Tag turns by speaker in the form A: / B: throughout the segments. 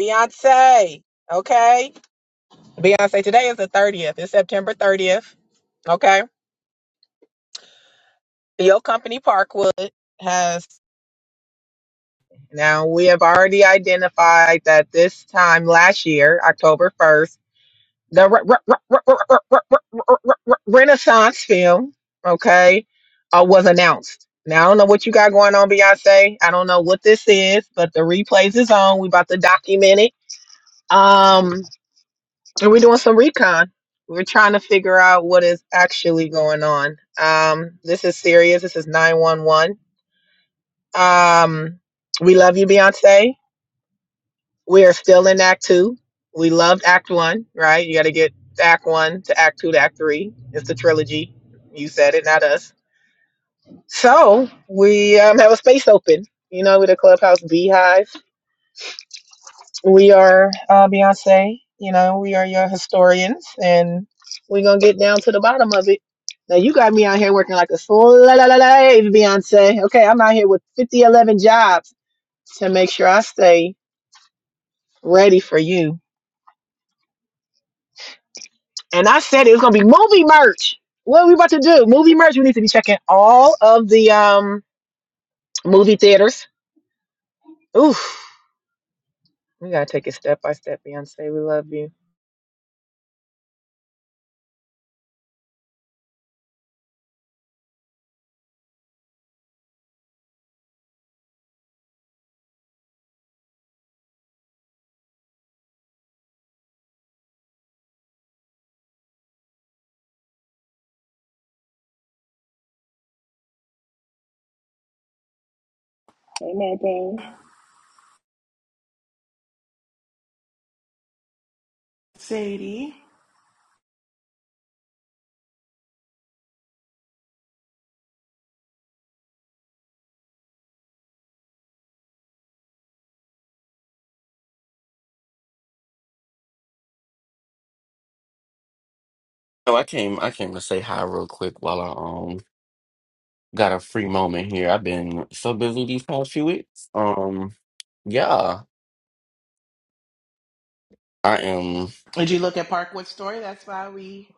A: Beyonce, okay? Beyonce, today is the 30th. It's September 30th, okay? Your company, Parkwood, has now we have already identified that this time last year, October 1st, the re- re- re- re- re- re- re- re- re- re- re- Renaissance film, okay, uh, was announced. Now, I don't know what you got going on, Beyonce. I don't know what this is, but the replays is on. We about to document it. Um. And we're doing some recon. We're trying to figure out what is actually going on. Um, this is serious. This is 911. Um, we love you, Beyonce. We are still in Act Two. We loved Act One, right? You got to get Act One to Act Two to Act Three. It's the trilogy. You said it, not us. So we um, have a space open. You know, with a clubhouse beehive. We are uh, Beyonce. You know, we are your historians, and we're gonna get down to the bottom of it. Now you got me out here working like a slave, Beyonce. Okay, I'm out here with 5011 jobs to make sure I stay ready for you. And I said it was gonna be movie merch. What are we about to do? Movie merch. We need to be checking all of the um movie theaters. Oof, we gotta take it step by step, Beyonce. We love you.
B: Hey, Mad Dang. Sadie.
C: No, I came. I came to say hi real quick while I um got a free moment here. I've been so busy these past few weeks. Um, yeah, I am.
B: Did you look at Parkwood Story? That's why we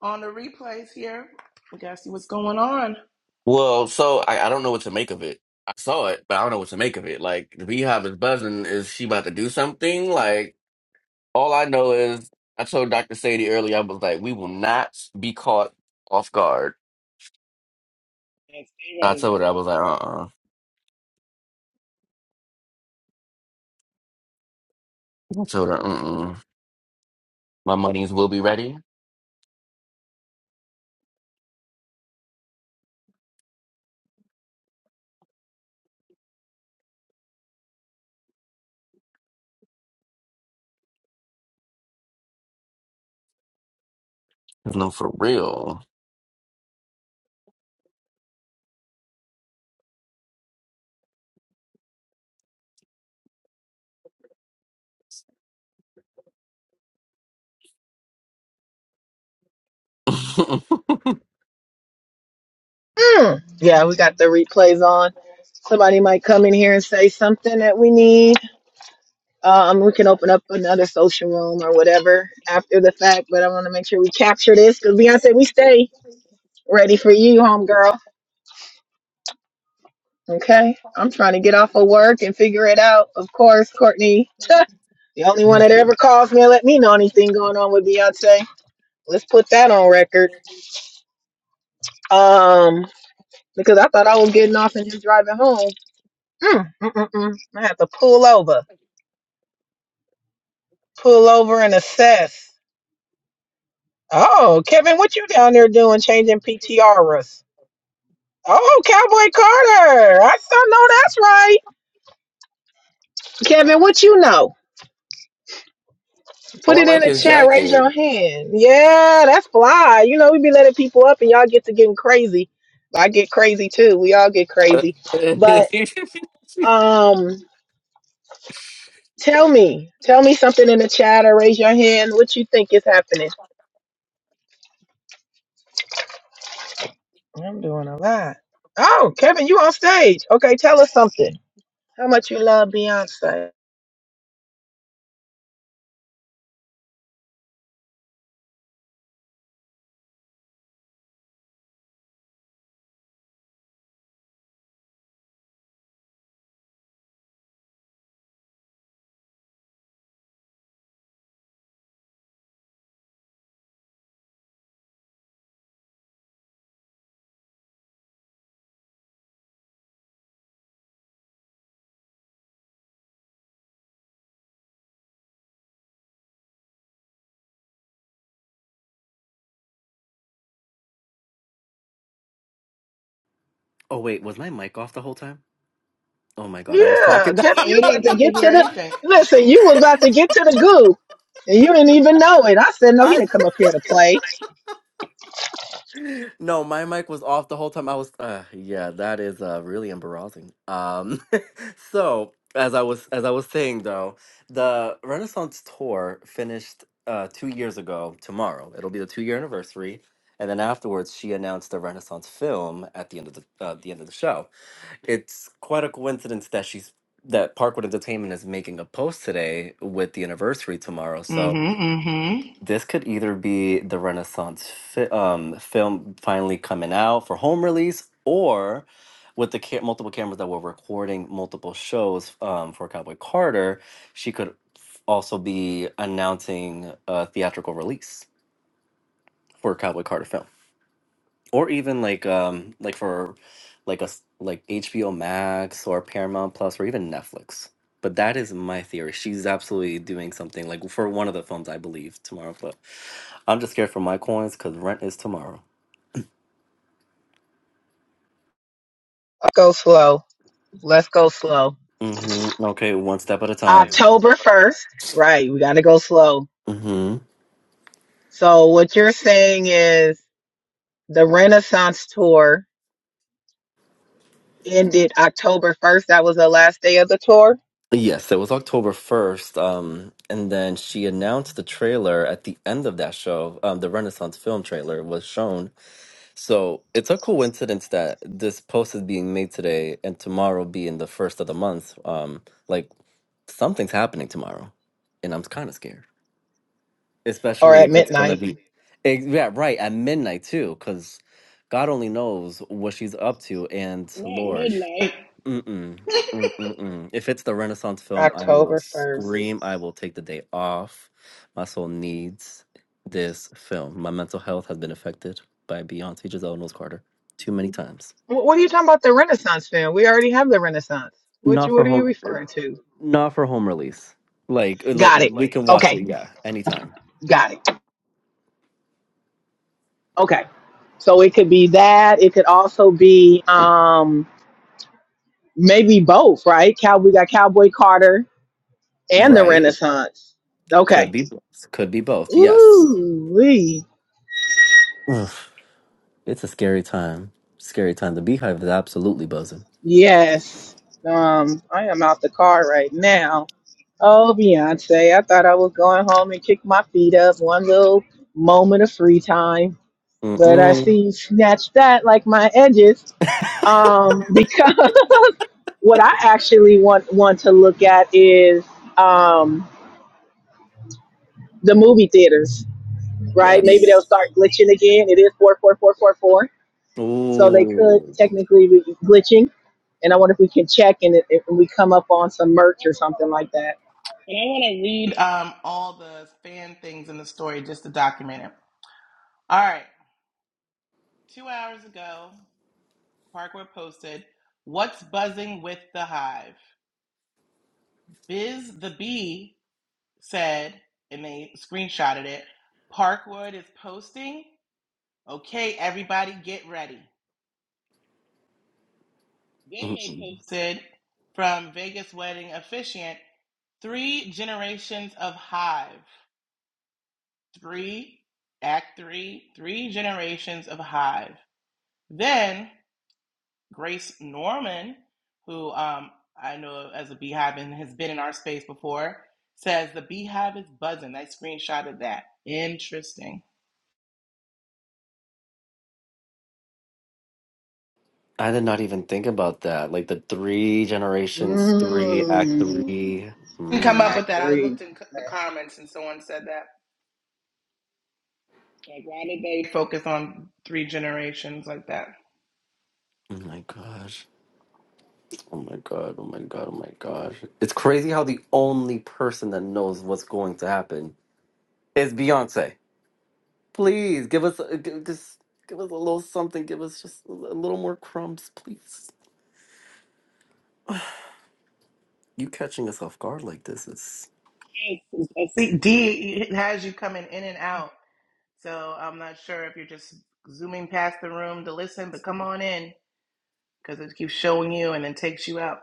B: on the replays here. We gotta see what's going on.
C: Well, so I, I don't know what to make of it. I saw it, but I don't know what to make of it. Like the beehive is buzzing. Is she about to do something? Like all I know is I told Dr. Sadie earlier. I was like, we will not be caught off guard. I
B: Ready.
C: told her I was like, uh, uh I told her, uh, uh my monies will be ready. No, for real.
A: Mm. Yeah, we got the replays on. Somebody might come in here and say something that we need. Um, we can open up another social room or whatever after the fact, but I want to make sure we capture this because Beyonce, we stay ready for you, homegirl. Okay, I'm trying to get off of work and figure it out. Of course, Courtney, the only one that ever calls me and let me know anything going on with Beyonce. Let's put that on record. Um, because I thought I was getting off and just driving home. Mm, mm, mm, mm. I have to pull over. Pull over and assess. Oh, Kevin, what you down there doing changing PTRs? Oh, Cowboy Carter. I still know that's right. Kevin, what you know?
C: Oh,
A: Put
C: I
A: it in
C: like
A: the
C: his
A: chat. Raise
C: jacket.
A: your hand. Yeah, that's fly. You know, we be letting people up and y'all get to getting crazy. I get crazy too. We all get crazy. But um tell me. Tell me something in the chat or raise your hand. What you think is happening? I'm doing a lot. Oh, Kevin, you on stage. Okay, tell us something. How much you love Beyonce?
D: Oh wait, was my mic off the whole time? Oh my god, I was
A: Yeah,
D: talking.
A: Kevin,
B: No, we
A: you about
B: didn't
A: to
B: get to
A: get
B: hear
A: to
B: Hear
A: the
B: anything?
A: listen. You was about to get to the goo, and you didn't even know it. I said, no, he
D: I,
A: didn't come up here to play.
D: no, my mic was off the whole time. I was. Uh, yeah, that is uh, really embarrassing. Um, so as I was as I was saying though, the Renaissance tour finished uh, two years ago. Tomorrow, it'll be the two year anniversary. And then afterwards, she announced the Renaissance film at the end of the uh, the end of the show. It's quite a coincidence that she's that Parkwood Entertainment is making a post today with the anniversary tomorrow. So
B: Mm-hmm. Mm-hmm.
D: This could either be the Renaissance fi- um, film finally coming out for home release, or with the ca- multiple cameras that were recording multiple shows um, for Cowboy Carter, she could f- also be announcing a theatrical release for Cowboy Carter film or even like um like for like a s- like HBO Max or Paramount Plus or even Netflix. But that is my theory. She's absolutely doing something like for one of the films, I believe, tomorrow. But I'm just scared for my coins because rent is tomorrow.
A: Go slow. Let's go slow.
D: hmm Okay, one step at a time.
A: October first, right? We got to go slow.
D: hmm
A: So what you're saying is the Renaissance tour ended October first. That was the last day of the tour,
D: Yes, it was October 1st. Um, and then she announced the trailer at the end of that show. Um, the Renaissance film trailer was shown So it's a coincidence that this post is being made today and tomorrow being the first of the month. Um, like something's happening tomorrow, and I'm kind of scared,
A: or
D: especially
A: at
D: if it's gonna
A: midnight,
D: be, ex- yeah, right at midnight too, because God only knows what she's up to. And
B: not
D: Lord,
B: midnight.
D: Mm-mm. Mm-mm-mm. If it's the Renaissance film, I will
A: October first.
D: scream. I will take the day off. My soul needs this film. My mental health has been affected by Beyonce Giselle Knowles Carter too many times.
A: What are you talking about? The Renaissance, fan? We already have the Renaissance. What
D: Not
A: you?
D: for
A: What are you
D: home.
A: referring to?
D: Not for home release. Like uh,
A: Got
D: like
A: it.
D: we
A: Slay.
D: can watch
A: Okay.
D: it. Yeah, anytime.
A: Got it. Okay. So it could be that. It could also be um maybe both, right? Cow we got Cowboy Carter and the
D: Right.
A: Renaissance.
D: It could
A: Okay.
D: be. Could be both. Yes.
A: Ooh wee.
D: Oof. It's a scary time. Scary time. The Beehive is absolutely buzzing.
A: Yes. Um, I am out the car right now. Oh Beyonce, I thought I was going home and kick my feet up one little moment of free time. But I
D: Mm-mm.
A: see you snatched that like my edges. Um, Because. what I actually want want to look at is um, the movie theaters, right? Maybe they'll
D: Yes.
A: start glitching again. It is four four four four four, so they could
D: Ooh.
A: technically be glitching. And I wonder if we can check and if if we come up on some merch or something like that.
B: And I want to read. Um, all the fan things in the story just to document it. All right. Two hours ago, Parkwood posted, "What's buzzing with the hive?" Biz the bee said, and they screenshotted it. Parkwood is posting. Okay, everybody get ready. Game May posted from Vegas Wedding Officiant Three Generations of Hive. Three, Act Three, Three Generations of Hive. Then Grace Norman, who um, I know as a beehive and has been in our space before, says the beehive is buzzing. I screenshotted that. Interesting.
D: I did not even think about that. Like the three generations, three act
A: Mm,
D: three.
B: I Didn't come up
D: Mm.
B: with
A: act
B: that. I
A: three.
B: looked in the comments and someone said that. Like, why did they focus on three generations like that?
D: Oh my gosh. Oh my god. Oh my god. Oh my gosh. It's crazy how the only person that knows what's going to happen is Beyonce. Please give us a, g- just give us a little something. Give us just a little more crumbs, please. You catching us off guard like this is.
B: Yes, see, D has you coming in and out, so I'm not sure if you're just zooming past the room to listen, but come on in because it keeps showing you and then takes you out.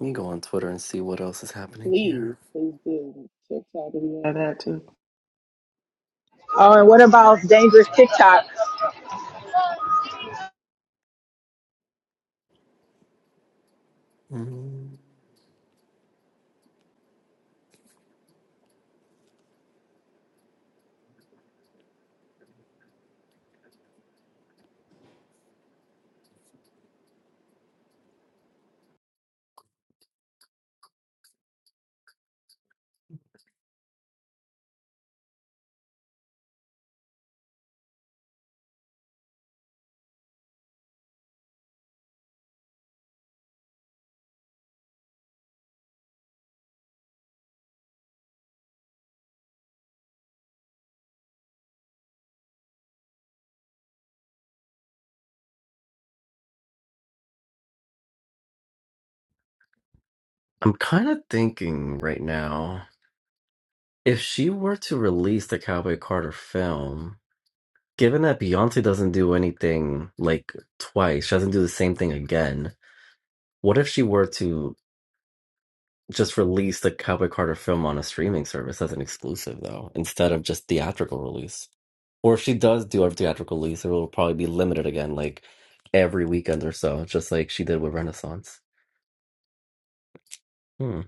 D: Let me go on Twitter and see what else is happening
B: Please,
D: here.
B: please do. TikTok, you know that too.
A: Oh, and what about dangerous TikTok?
D: Mm. I'm kind of thinking right now. If she were to release the Cowboy Carter film, given that Beyonce doesn't do anything like twice, she doesn't do the same thing again, what if she were to just release the Cowboy Carter film on a streaming service as an exclusive, though, instead of just theatrical release? Or if she does do a theatrical release, it will probably be limited again, like every weekend or so, just like she did with Renaissance. Hmm.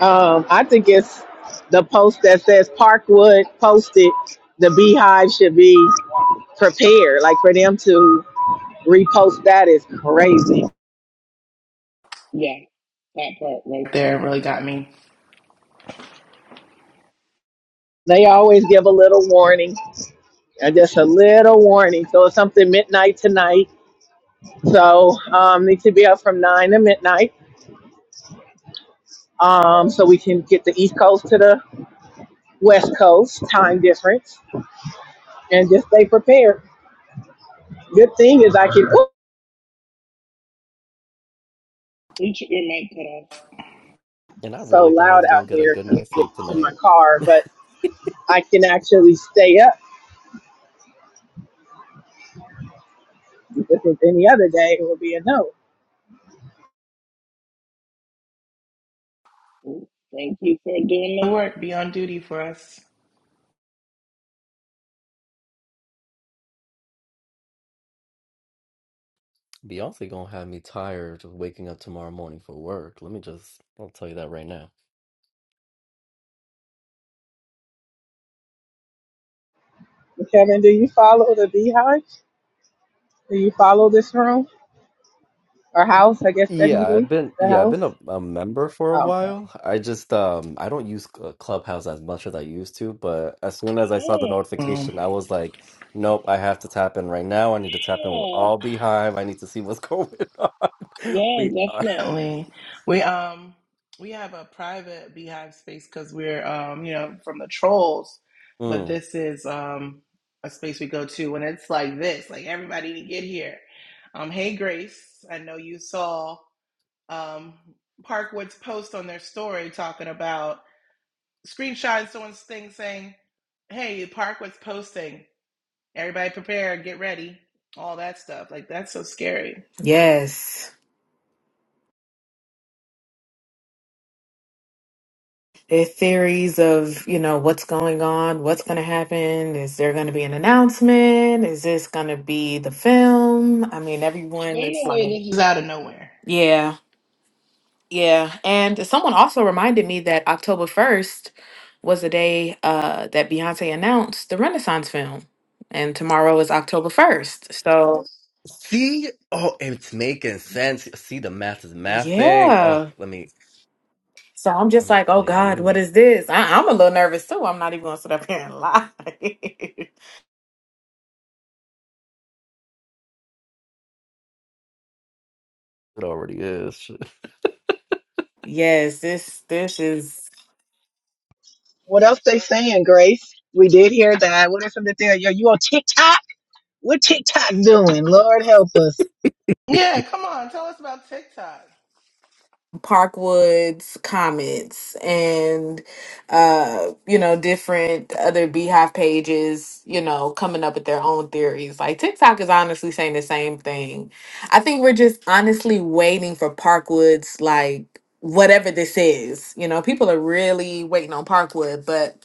A: Um, I think it's the post that says Parkwood posted. The Beehive should be prepared, like for them to Repost that is crazy.
B: Yeah, that part right there really got me.
A: They always give a little warning, uh, just a little warning. So it's something midnight tonight. So um, need to be up from nine to midnight, um, so we can get the East Coast to the West Coast time difference, and just stay prepared. Good thing is I can. Ooh,
B: You tr- Your mic cut
D: And I
A: so
D: really thought I
A: loud
D: was going to
A: out
D: get a
A: here
D: good
A: to get
D: night's sleep
A: to
D: tonight.
A: my car, but I can actually stay up. If it was any other day, it would be a no.
B: off. Thank you for doing the work. Be on duty for us.
D: Beyonce gonna have me tired of waking up tomorrow morning for work. Let me just, I'll tell you that right now.
A: Kevin, do you follow the Beehive? Do you follow this room? or house, I guess
D: Yeah, I've
A: technically
D: been,
A: the
D: yeah, I've
A: house.
D: been a, a member for a
A: Okay.
D: while. I just, um, I don't use Cl- Clubhouse as much as I used to, but as soon as I saw the
B: Mm.
D: notification, I was like, nope, I have to tap in right now. I need to tap in with all Beehive. I need to see what's going on.
B: Yeah,
D: We are.
B: definitely. We um we have a private beehive space because we're um you know from the trolls, but
D: Mm.
B: this is um a space we go to when it's like this, like everybody to get here. Um, hey Grace, I know you saw um Parkwood's post on their story talking about screenshot someone's thing saying, "Hey, Parkwood's posting. Everybody prepare, get ready, all that stuff." Like that's so scary.
E: Yes. It theories of, you know, what's going on, what's going to happen. Is there going to be an announcement? Is this going to be the film? I mean, everyone
B: They
E: is
B: know
E: like,
B: where this is out of nowhere.
E: yeah, yeah. And someone also reminded me that October 1st was the day uh, that Beyonce announced the Renaissance film. And tomorrow is October 1st. So,
D: See? Oh, it's making sense. See the math is mathing. Oh,
E: yeah.
D: let me,
E: So I'm just
D: um,
E: like, oh
D: no, yeah, let
E: God, what
D: me.
E: is this? I- I'm a little nervous too. I'm not even going to sit up here and lie.
D: It already is.
E: Yes, this this is
A: What else they saying, Grace? We did hear that. What is something there? Yo, you on TikTok? What TikTok doing? Lord help us.
B: Yeah, come on. Tell us about TikTok.
E: Parkwood's comments and uh you know different other beehive pages, you know, coming up with their own theories. Like TikTok is honestly saying the same thing. I think we're just honestly waiting for Parkwood's like whatever this is. You know, people are really waiting on Parkwood, but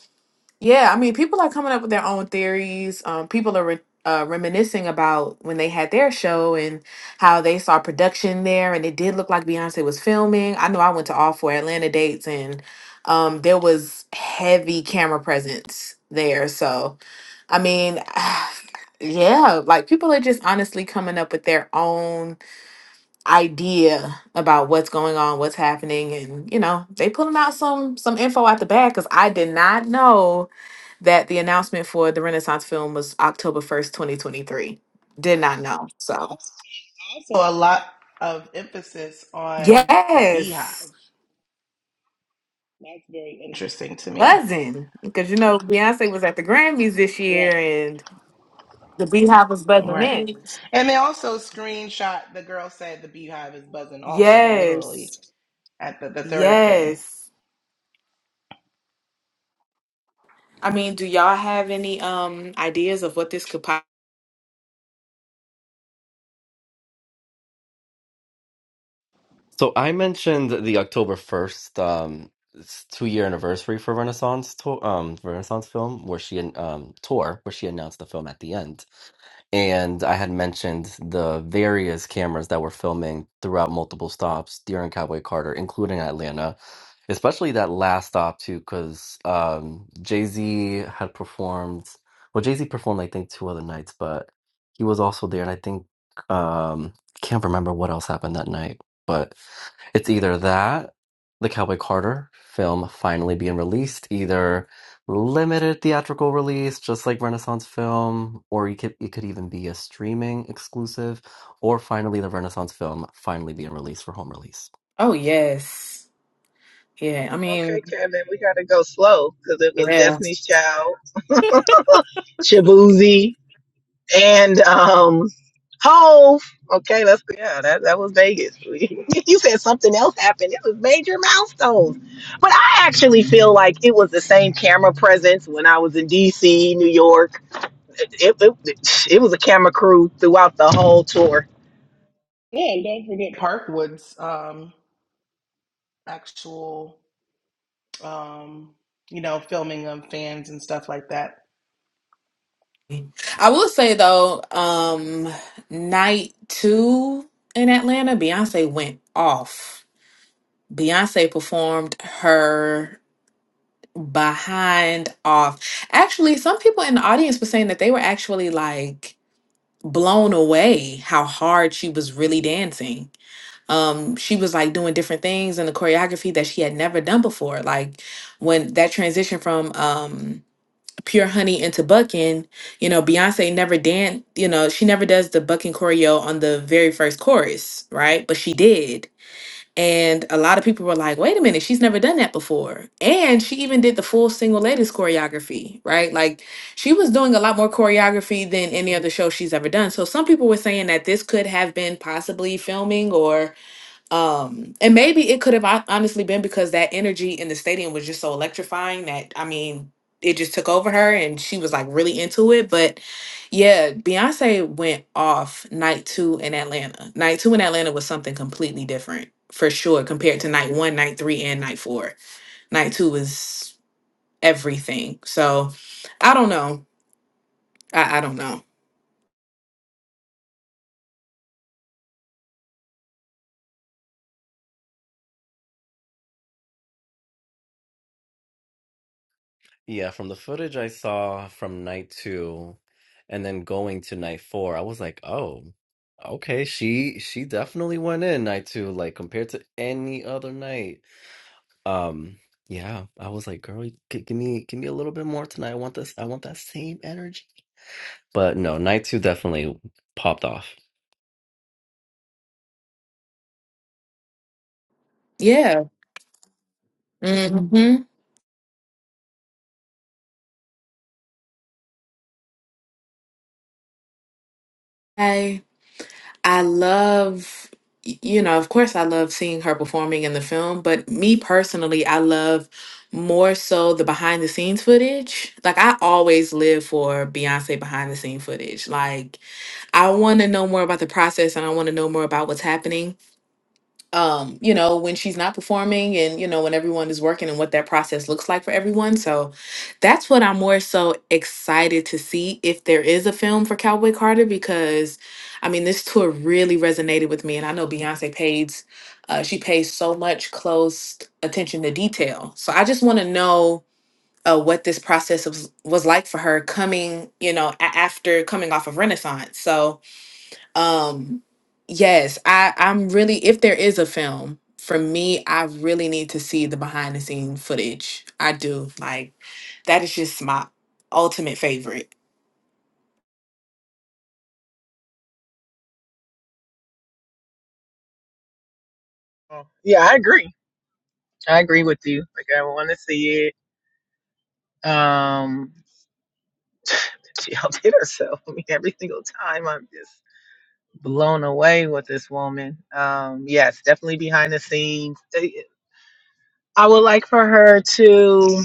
E: Yeah, I mean, people are coming up with their own theories. Um, people are re uh, reminiscing about when they had their show and how they saw production there, and it did look like Beyonce was filming. I know I went to all four Atlanta dates, and um, there was heavy camera presence there. So, I mean, yeah, like people are just honestly coming up with their own idea about what's going on, what's happening, and you know, they pulling out some some info out the bag because I did not know that the announcement for the Renaissance film was October 1st, 2023. Did not know. So,
B: Also, a lot of emphasis on the beehive.
E: yes,
B: That's very interesting to me.
E: buzzing. Because, you know, Beyonce was at the Grammys this
B: Right.
E: year and the Beehive was buzzing
B: Right.
E: in.
B: And they also screenshot the girl said the beehive is buzzing also, the literally
E: Yes,
B: at the, the third thing.
E: yes. I mean, do y'all have any um ideas of what this could pop?
D: So I mentioned the October 1st um it's two year anniversary for Renaissance tour um Renaissance film where she an- um tour where she announced the film at the end. And I had mentioned the various cameras that were filming throughout multiple stops during Cowboy Carter, including Atlanta, especially that last stop too, because um Jay-Z had performed well Jay-Z performed I think two other nights, but he was also there and I think um can't remember what else happened that night but it's either that, the Cowboy Carter film finally being released, either limited theatrical release, just like Renaissance film, or you could it could even be a streaming exclusive, or finally the Renaissance film finally being released for home release.
E: Oh, yes. Yeah, I
A: Okay,
E: mean,
A: Kevin, we gotta go slow because it was
E: yeah.
A: Destiny's Child, Shabuzi, and um, Hove. Okay, let's yeah, that that was Vegas. you said something else happened. It was major milestones, but I actually feel like it was the same camera presence when I was in D.C., New York it, it, it was a camera crew throughout the whole tour.
B: Yeah, and don't forget Parkwood's um actual um you know, filming of fans and stuff like that.
E: I will say though, um, night two in Atlanta, Beyonce went off. Beyonce performed her behind off. Actually, some people in the audience were saying that they were actually like blown away how hard she was really dancing. Um she was like doing different things in the choreography that she had never done before. Like when that transition from um Pure Honey into Bucking, you know, Beyonce never danced, you know, she never does the Bucking choreo on the very first chorus, right? But she did and a lot of people were like, wait a minute, she's never done that before. And she even did the full single ladies choreography, right? Like she was doing a lot more choreography than any other show she's ever done. So some people were saying that this could have been possibly filming or. Um, and maybe it could have hon- honestly been because that energy in the stadium was just so electrifying that I mean, it just took over her and she was like really into it. But yeah, Beyonce went off night two in Atlanta. Night two in Atlanta was something completely different for sure compared to night one, night three, and night four. Night two was everything. So I don't know. I, I don't know.
D: yeah, from the footage I saw from night two and then going to night four, I was like, oh, okay, she she definitely went in night two, like compared to any other night Um, yeah, I was like, girl, you- g- give me give me a little bit more tonight. I want this, I want that same energy. But no, night two definitely popped off.
E: Yeah. Mm-hmm. I love, you know, of course, I love seeing her performing in the film, but me personally, I love more so the behind the scenes footage. Like, I always live for Beyonce behind the scene footage. Like, I want to know more about the process and I want to know more about what's happening um you know when she's not performing and you know when everyone is working and what that process looks like for everyone so that's what i'm more so excited to see if there is a film for cowboy carter because i mean this tour really resonated with me and i know beyonce pays uh, she pays so much close attention to detail so i just want to know uh, what this process was, was like for her coming you know a- after coming off of renaissance so um, yes, I I'm really if there is a film for me, I really need to see the behind the scene footage. I do like that is just my ultimate favorite.
A: Yeah, I agree. I agree with you. Like I want to see it. Um, she outdid herself. I mean, every single time I'm just blown away with this woman. Um, yes, definitely behind the scenes. Eh, I would like for her to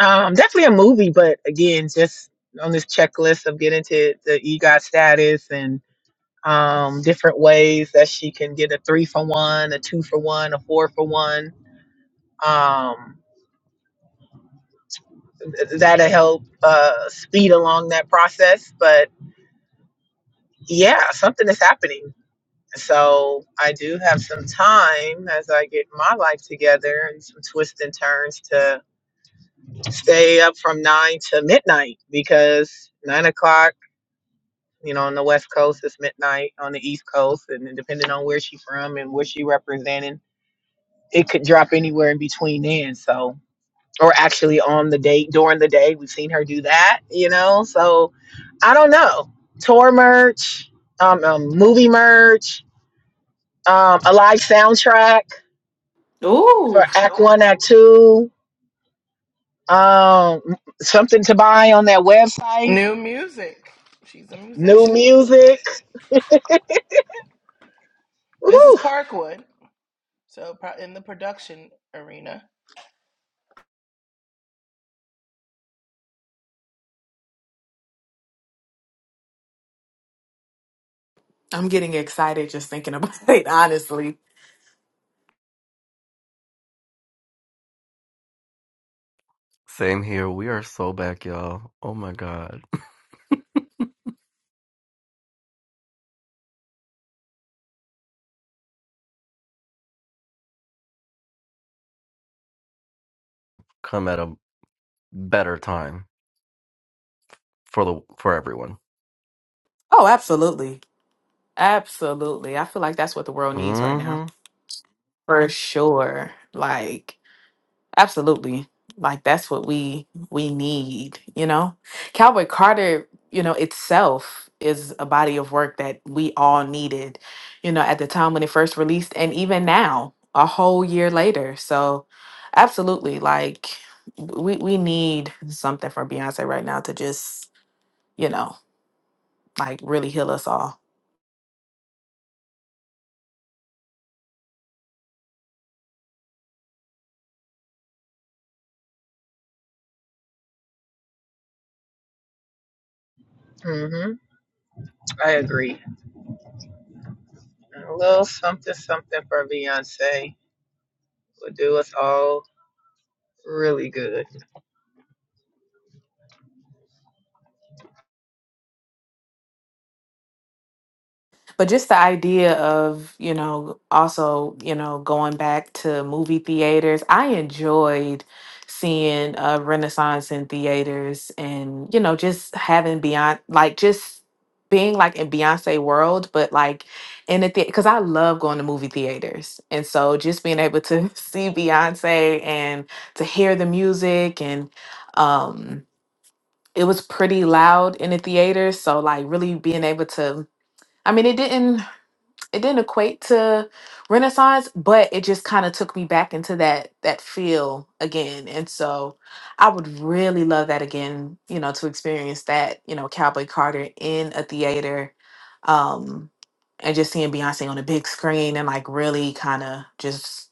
A: um definitely a movie, but again, just on this checklist of getting to the EGOT status and. um, different ways that she can get a three for one, a two for one, a four for one. Um, th- that'll help uh, speed along that process. But yeah, something is happening. So I do have some time as I get my life together and some twists and turns to stay up from nine to midnight because nine o'clock, you know, on the West Coast is midnight on the East Coast, and then depending on where she's from and where she representing it could drop anywhere in between then. So, or actually on the date during the day, we've seen her do that. You know, so I don't know. Tour merch, um, um movie merch, um, a live soundtrack
E: Ooh.
A: for Act One, Act Two, um, something to buy on that website,
B: New music. She's a
A: new
B: musician.
A: music.
B: This is
A: Woo!
B: Parkwood. So pro- in the production arena.
E: I'm getting excited just thinking about it, honestly.
D: Same here. We are so back, y'all. Oh my God. Come at a better time for the for everyone.
E: Oh, absolutely. Absolutely. I feel like that's what the world needs right now.
D: Mm-hmm.
E: For sure. Like Absolutely. Like that's what we we need, you know. Cowboy Carter, you know, itself is a body of work that we all needed, you know, at the time when it first released and even now, a whole year later. So, absolutely like w- we we need something from Beyonce right now to just, you know, like really heal us all.
A: hmm I agree. A little something, something for Beyonce would do us all really good.
E: But just the idea of, you know, also, you know, going back to movie theaters, I enjoyed seeing uh, Renaissance in theaters and, you know, just having beyond, like, just being like in Beyonce world, but like in a theater, because I love going to movie theaters. And so just being able to see Beyonce and to hear the music and, um, it was pretty loud in the theater. So, like, really being able to, I mean, it didn't it didn't equate to renaissance but it just kind of took me back into that that feel again and so i would really love that again you know to experience that you know cowboy carter in a theater um and just seeing beyonce on a big screen and like really kind of just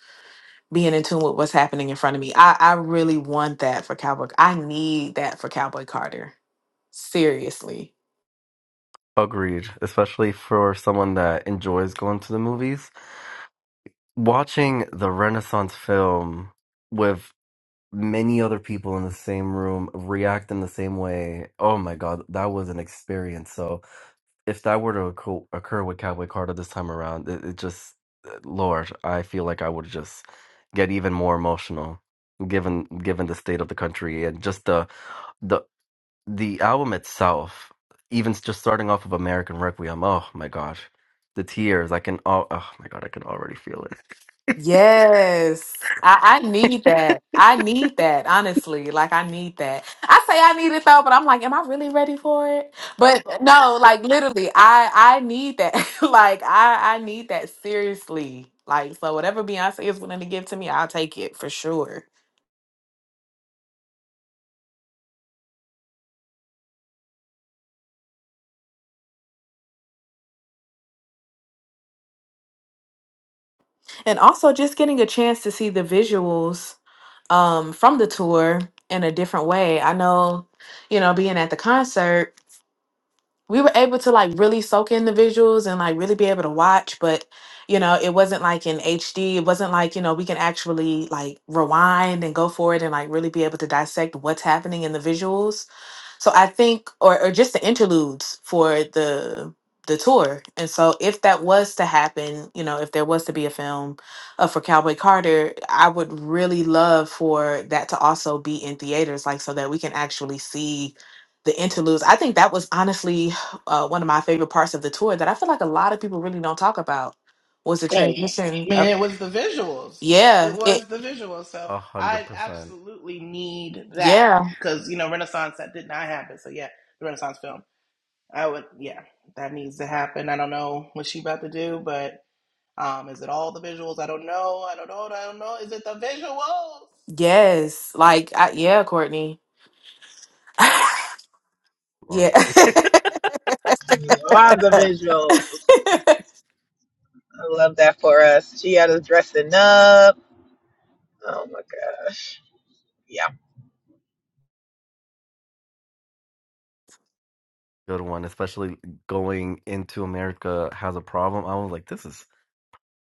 E: being in tune with what's happening in front of me i i really want that for cowboy i need that for cowboy carter seriously
D: Agreed. Especially for someone that enjoys going to the movies. Watching the Renaissance film with many other people in the same room react in the same way. Oh my god, that was an experience. So if that were to occur, occur with Cowboy Carter this time around, it, it just, uh, Lord, I feel like I would just get even more emotional, given given the state of the country and just the the the album itself. Even s- just starting off of American Requiem, oh my god, the tears! I can all, oh my god, I can already feel it.
E: Yes. I, I need that. I need that,
D: A
E: honestly. Like, I need that. I say I need it though, but I'm like, am I really ready for it? But uh, no, like, literally, I, I need that. like, I, I need that seriously. Like, so whatever Beyonce is willing to give to me, I'll take it for sure. And also, just getting a chance to see the visuals um, from the tour in a different way. I know, you know, being at the concert. we were able to like really soak in the visuals and like really be able to watch but you know it wasn't like in hd it wasn't like you know we can actually like rewind and go for it and like really be able to dissect what's happening in the visuals so I think, or or just the interludes for the the tour. And so if that was to happen, you know, if there was to be a film uh, for Cowboy Carter, I would really love for that to also be in theaters, like so that we can actually see the interludes. I think that was honestly uh, one of my favorite parts of the tour that I feel like a lot of people really don't talk about was the
B: Oh
E: transition of
B: man, it was the visuals. It
E: yeah, it
B: was the visuals. So
D: hundred
B: I
D: percent
B: absolutely need that
E: yeah,
B: because you know Renaissance that did not happen. So yeah, the Renaissance film. I would yeah, that needs to happen. I don't know what she about to do, but um, is it all the visuals? I don't know. I don't know. I don't know. Is it the visuals?
E: yes. Like I, yeah, Courtney.
D: love
E: Yeah.
D: it.
A: Love the visuals. I love that for us. She had us dressing up. Oh my gosh. Yeah.
D: Good one, especially going into America has a problem. I was like, this is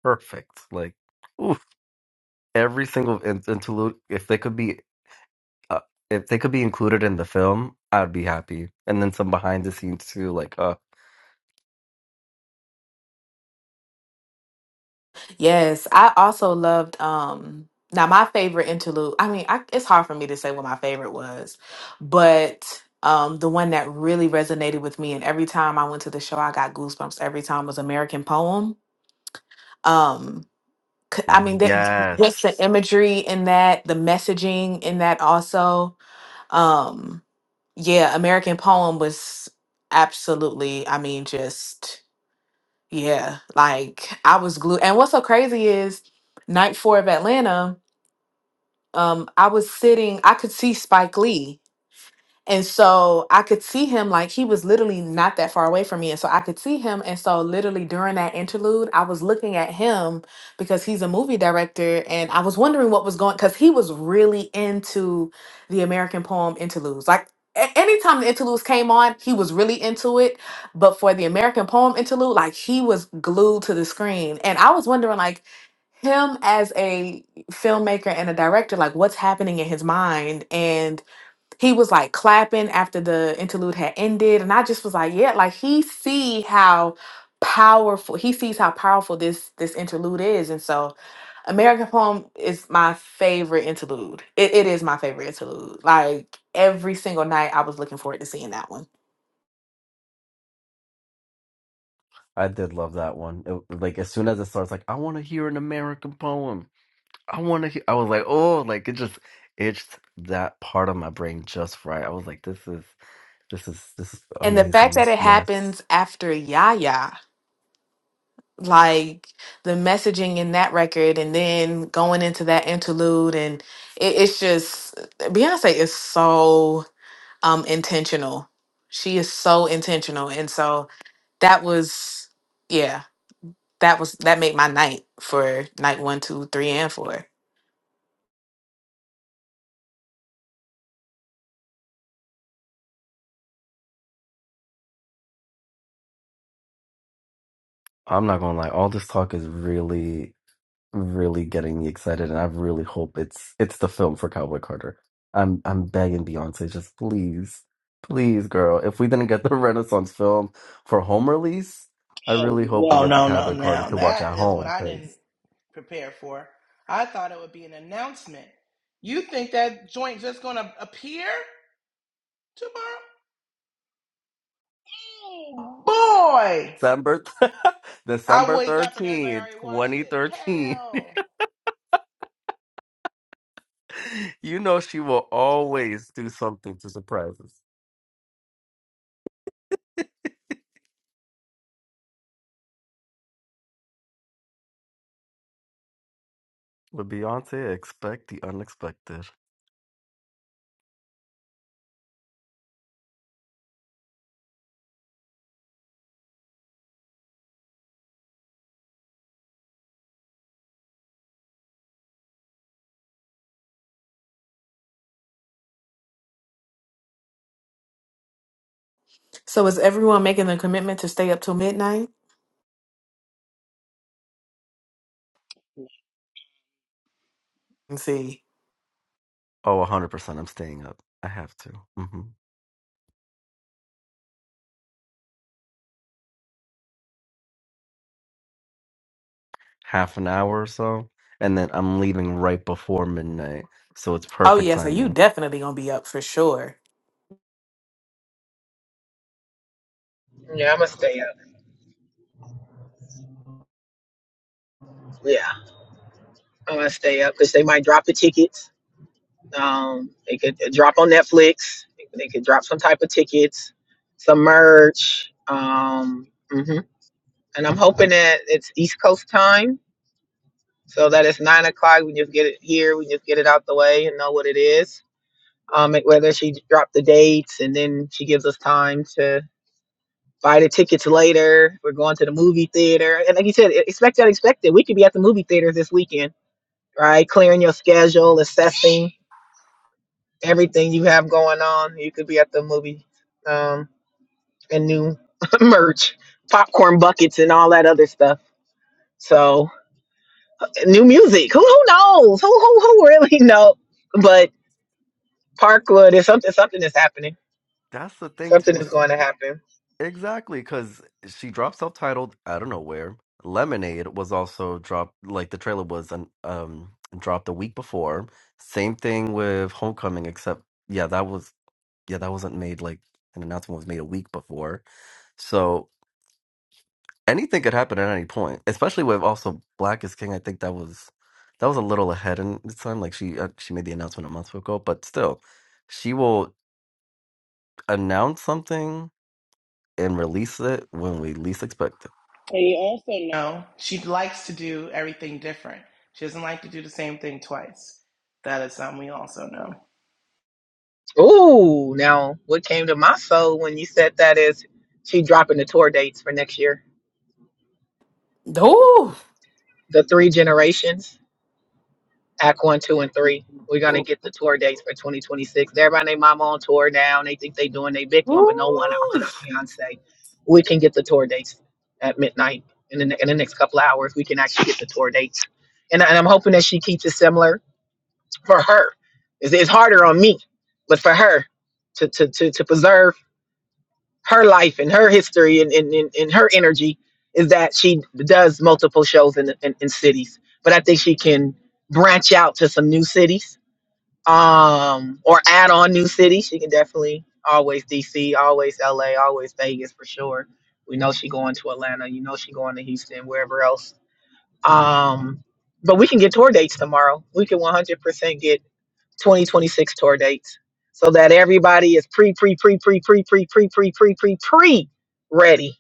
D: perfect. Like, oof. every single in- interlude, if they could be, uh, if they could be included in the film, I'd be happy. And then some behind the scenes too. Like, uh,
E: yes, I also loved um now my favorite interlude. I mean, I, it's hard for me to say what my favorite was, but um the one that really resonated with me and every time I went to the show I got goosebumps every time was American Poem. Um c- I mean that just the
D: yes,
E: imagery in that, the messaging in that also. Um yeah, American Poem was absolutely, I mean just Yeah, like I was glued. And what's so crazy is night four of Atlanta, um, I was sitting, I could see Spike Lee. And so I could see him like he was literally not that far away from me. And so I could see him. And so literally during that interlude, I was looking at him because he's a movie director. And I was wondering what was going because he was really into the American poem interludes. Like a- anytime the interludes came on, he was really into it. But for the American poem interlude, like he was glued to the screen. And I was wondering like him as a filmmaker and a director, like what's happening in his mind he was like clapping after the interlude had ended and i just was like yeah like he see how powerful he sees how powerful this this interlude is and so american poem is my favorite interlude it, it is my favorite interlude like every single night i was looking forward to seeing that one
D: I did love that one. It, like, as soon as it starts, like, I want to hear an American poem. I want to. I was like, oh, like it just itched that part of my brain just right. I was like, this is, this is, this is
E: and the fact
D: amazing.
E: that it
D: Yes,
E: happens after yaya like the messaging in that record and then going into that interlude and it, it's just beyonce is so um intentional she is so intentional and so that was yeah that was that made my night for night one two three and four
D: I'm not gonna lie. All this talk is really, really getting me excited, and I really hope it's it's the film for Cowboy Carter. I'm I'm begging Beyonce, just please, please, girl. If we didn't get the Renaissance film for home release, I
B: Oh
D: really hope we
B: whoa.
D: get the
B: no no
D: Cowboy Carter
B: no!
D: to watch at
B: That is what
D: home
B: I didn't
D: because
B: prepare for. I thought it would be an announcement. You think that joint just gonna appear tomorrow? Boy,
D: December
B: I
D: December
B: wake up and everybody
D: 13th,
B: already watched it.
D: 2013.
B: Hell.
D: You know she will always do something to surprise us. With Beyonce, expect the unexpected.
E: so is everyone making a commitment to stay up till midnight and see
D: Oh, 100%. I'm staying up. I have to. hmm Half an hour or so. And then I'm leaving right before midnight. So it's
E: oh
D: perfect
E: yeah so you
D: timing.
E: definitely gonna be up for sure
A: Yeah, I'm gonna stay up. Yeah, I'm gonna stay up because they might drop the tickets. Um, they could uh, drop on Netflix. They could drop some type of tickets, some merch. Um, hmm and I'm hoping that it's East Coast time, so that it's nine o'clock. We just get it here. We just get it out the way and know what it is. Um, and whether she dropped the dates and then she gives us time to. buy the tickets later. We're going to the movie theater. And like you said, e-, expect that expected. We could be at the movie theaters this weekend, right? Clearing your schedule, assessing everything you have going on. You could be at the movie um, and new merch, popcorn buckets, and all that other stuff. So new music. Who who knows? Who who who really know? But Parkwood is something. Something is happening.
D: That's the thing,
A: Something
D: too.
A: is
D: S-
A: going to happen.
D: Exactly. Because she dropped self titled, I don't know where. Lemonade was also dropped, like the trailer was um, um dropped the week before. Same thing with Homecoming, except, yeah, that was. yeah, that wasn't made like an announcement was made a week before. So anything could happen at any point, especially with also Black is King. I think that was that was a little ahead in the time. Like she uh, she made the announcement a month ago, but still, she will announce something and release it when we least expect it.
B: And you also know she likes to do everything different. She doesn't like to do the same thing twice. That is something we also know.
A: Ooh, now what came to my soul when you said that is she dropping the tour dates for next year.
E: Ooh.
A: The three generations, Act One, Two, and Three. We're gonna get the tour dates for 2026. Everybody, and their mama on tour now. and They think they doing their big one, but no one out.
E: Ooh.
A: That's Beyonce. We can get the tour dates at midnight in the, in the next couple of hours. We can actually get the tour dates, and, and I'm hoping that she keeps it similar for her. It's, it's harder on me, but for her to to to, to preserve her life and her history and, and, and, and her energy is that she does multiple shows in, in, in cities but i think she can branch out to some new cities um or add on new cities she can definitely always dc always la always vegas for sure we know she going to atlanta you know she going to houston wherever else um but we can get tour dates tomorrow we can 100% get 2026 tour dates so that everybody is pre pre pre pre pre pre pre pre pre pre pre ready.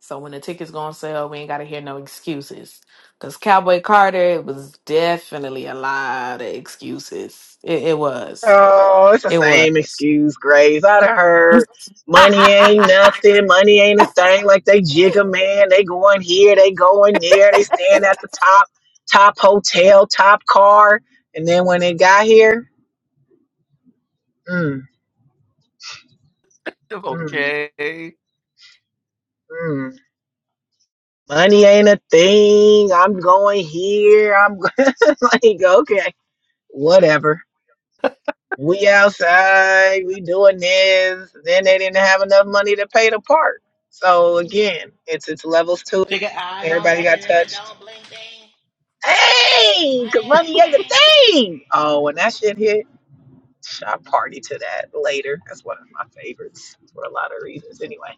E: So when the tickets go on sale, we ain't gotta hear no excuses. Cause Cowboy Carter, it was definitely a lot of excuses. It, it was.
A: Oh, it's the
E: It
A: same
E: was.
A: excuse, Grace. I done heard money ain't nothing, money ain't a thing. Like they jigger man, they going here, they going there, they staying at the top, top hotel, top car, and then when they got here, mm, mm,
D: Okay.
A: mm. Money ain't a thing. I'm going here. I'm like, okay, whatever We outside, we doing this. Then they didn't have enough money to pay the park. So again, it's it's levels to
B: She
A: it.
B: go, I don't
A: Everybody
B: like it
A: got
B: if it
A: touched.
B: don't bling ding.
A: Hey,
B: Money
A: 'cause
B: ain't
A: money ain't a
B: thing.
A: thing. Oh, when that shit hit, I party to that later. That's one of my favorites for a lot of reasons. Anyway,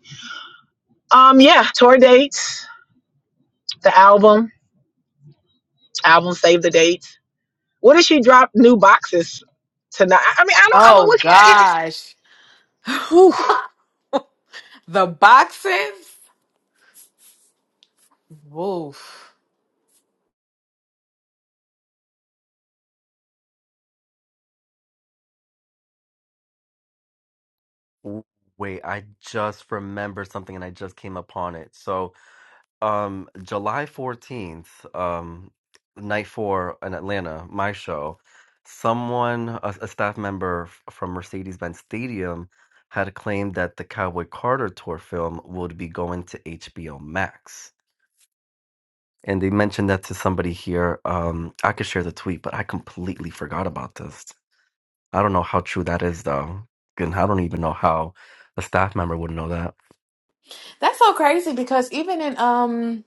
A: um, yeah, tour dates, the album, album save the dates. What if she dropped new boxes tonight? I I mean, I don't. I mean,
E: oh
A: what? Can, it,
E: gosh,
A: whew,
E: the boxes. Woof.
D: W- Wait, I just remember something and I just came upon it. So. um July 14th, um night four in Atlanta, my show, someone a, a staff member f- from Mercedes-Benz Stadium had claimed that the Cowboy Carter tour film would be going to HBO Max. And they mentioned that to somebody here. Um I could share the tweet, but I completely forgot about this. I don't know how true that is though. And I don't even know how a staff member would know that.
E: That's so crazy because even in um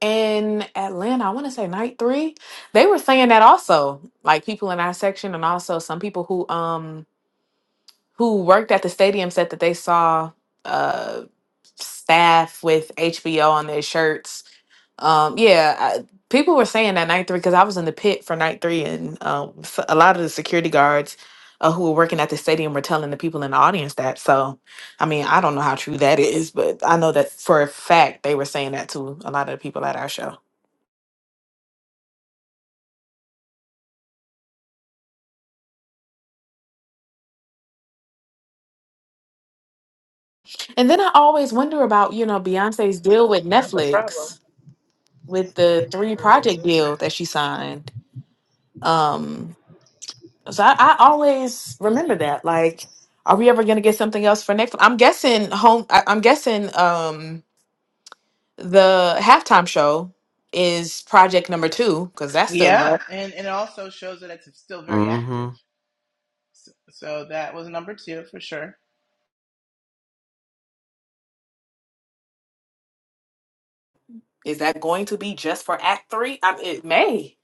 E: in Atlanta, I want to say night three, they were saying that also. Like people in our section, and also some people who um who worked at the stadium said that they saw uh, staff with HBO on their shirts. Um, yeah, I, people were saying that night three because I was in the pit for night three, and um, s- a lot of the security guards uh, who were working at the stadium were telling the people in the audience that. So, I mean, I don't know how true that is, but I know that for a fact they were saying that to a lot of the people at our show. And then I always wonder about, you know, Beyonce's deal with
A: that's a problem.
E: Netflix with the three
A: Mm.
E: project deal that she signed. Um, So I, I always remember that. Like, are we ever gonna get something else for next? I'm guessing home. I, I'm guessing um the halftime show is project number two because that's still up.
B: Yeah, and, and it also shows that it's still very active.
D: Mhm.
B: So, so that was number two for sure.
E: Is that going to be just for Act Three? I, it may.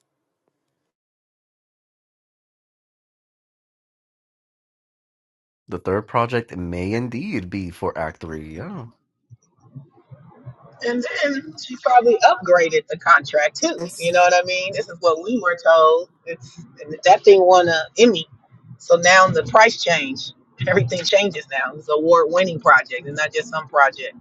D: The third project may indeed be for Act 3. Yeah.
A: And then she probably upgraded the contract too. You know what I mean? This is what we were told. It's that thing won an Emmy, so now the price change. Everything changes now. It's an award-winning project, and not just some project.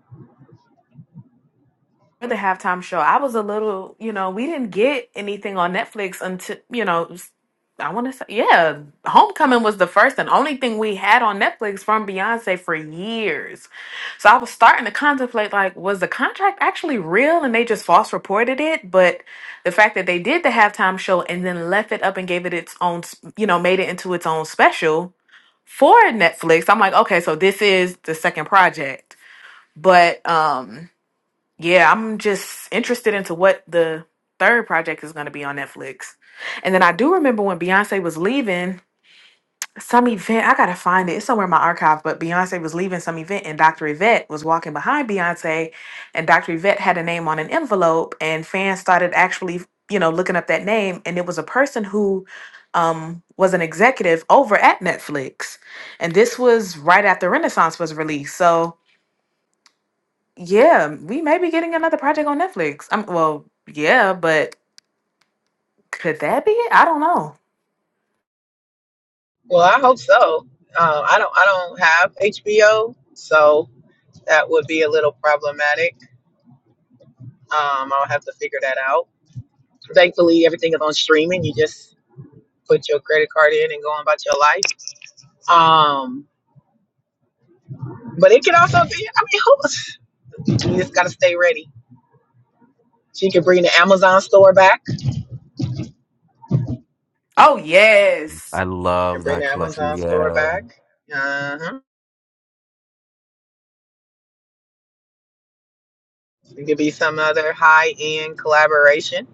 E: the halftime show. I was a little, you know, we didn't get anything on Netflix until, you know, it was- I want to say, yeah, Homecoming was the first and only thing we had on Netflix from Beyonce for years. So I was starting to contemplate, like, was the contract actually real and they just false reported it? But the fact that they did the halftime show and then left it up and gave it its own, s- you know, made it into its own special for Netflix, I'm like, okay, so this is the second project. But, um, yeah, I'm just interested into what the third project is going to be on Netflix. And then I do remember when Beyonce was leaving some event. I gotta find it. It's somewhere in my archive. But Beyonce was leaving some event, and Dr. Yvette was walking behind Beyonce, and Dr. Yvette had a name on an envelope, and fans started actually, you know, looking up that name, and it was a person who um was an executive over at Netflix. And this was right after Renaissance was released. So yeah, we may be getting another project on Netflix. I'm well, yeah, but could that be it? I don't know.
A: Well, I hope so. Uh, I don't. I don't have HBO, so that would be a little problematic. Um, I'll have to figure that out. Thankfully, everything is on streaming. You just put your credit card in and go on about your life. Um, but it could also be. I mean, who? You just gotta stay ready. She you can bring the Amazon store back.
E: Oh
D: I
E: yes.
A: She can
D: love
A: bring
D: that
A: the
D: collection.
A: Amazon store
D: Yeah.
A: back. Uh huh. It could be some other high end collaboration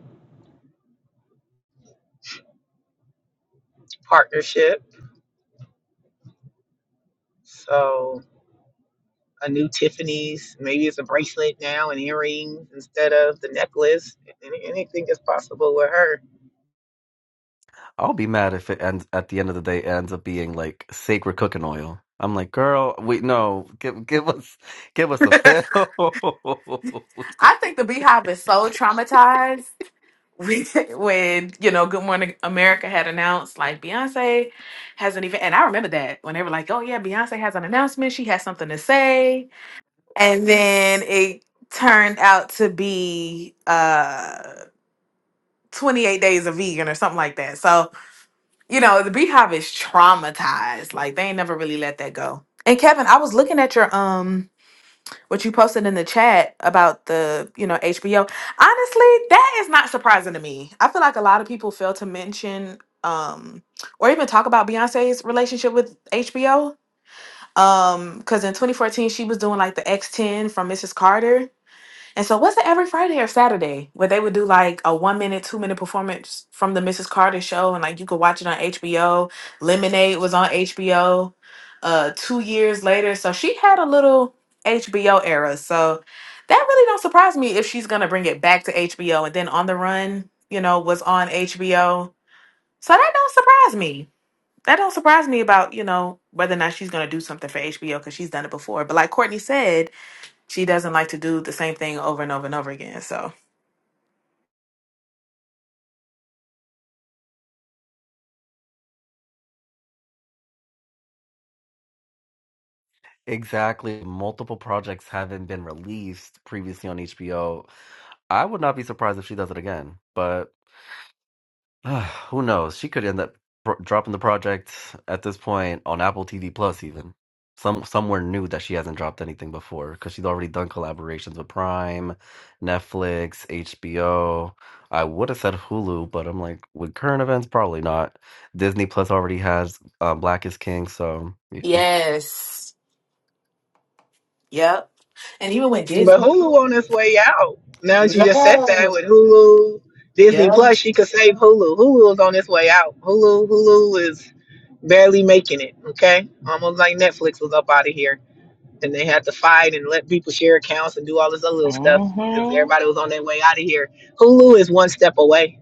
A: partnership. So a new Tiffany's, maybe it's a bracelet now and earrings instead of the necklace. Any- Anything is possible with her.
D: I'll be mad if it ends at the end of the day ends up being like sacred cooking oil. I'm like, girl, wait, no, give give us give us a fill.
E: I think the Beehive is so traumatized with- when, you know, Good Morning America had announced like Beyonce hasn't even and I remember that when they were like, Oh yeah, Beyonce has an announcement, she has something to say. And then it turned out to be uh 28 days of vegan or something like that. So You know, the Beehive is traumatized. Like they ain't never really let that go. And Kevin, I was looking at your um what you posted in the chat about the, you know, HBO. Honestly, that is not surprising to me. I feel like a lot of people fail to mention um or even talk about Beyonce's relationship with HBO. Um, because in 2014 she was doing like the X10 from Mrs. Carter. And so was it every Friday or Saturday where they would do like a one minute, two minute performance from the Mrs. Carter show and like you could watch it on HBO. Lemonade was on HBO uh two years later. So she had a little HBO era. So that really don't surprise me if she's gonna bring it back to HBO and then on the run, you know, was on HBO. So that don't surprise me. That don't surprise me about, you know, whether or not she's gonna do something for HBO because she's done it before. But like Courtney said, she doesn't like to do the same thing over and over and over again. So
D: Exactly. Multiple projects haven't been released previously on HBO. I would not be surprised if she does it again, but Ah, Who knows? She could end up pro- dropping the project at this point on Apple TV Plus, even some somewhere new that she hasn't dropped anything before because she's already done collaborations with Prime, Netflix, HBO. I would have said Hulu, but I'm like with current events, probably not. Disney Plus already has uh, Black is King, so yeah,
E: Yes. Yep. And even when
A: But
E: Disney.
A: Hulu on its way out. Now that you just said that
E: Yeah.
A: with Hulu, Disney
E: Yeah.
A: Plus, she could save Hulu. Hulu is on its way out. Hulu, Hulu is barely making it. Okay, almost like Netflix was up out of here, and they had to fight and let people share accounts and do all this other little stuff because
B: hmm
A: everybody was on their way out of here. Hulu is one step away.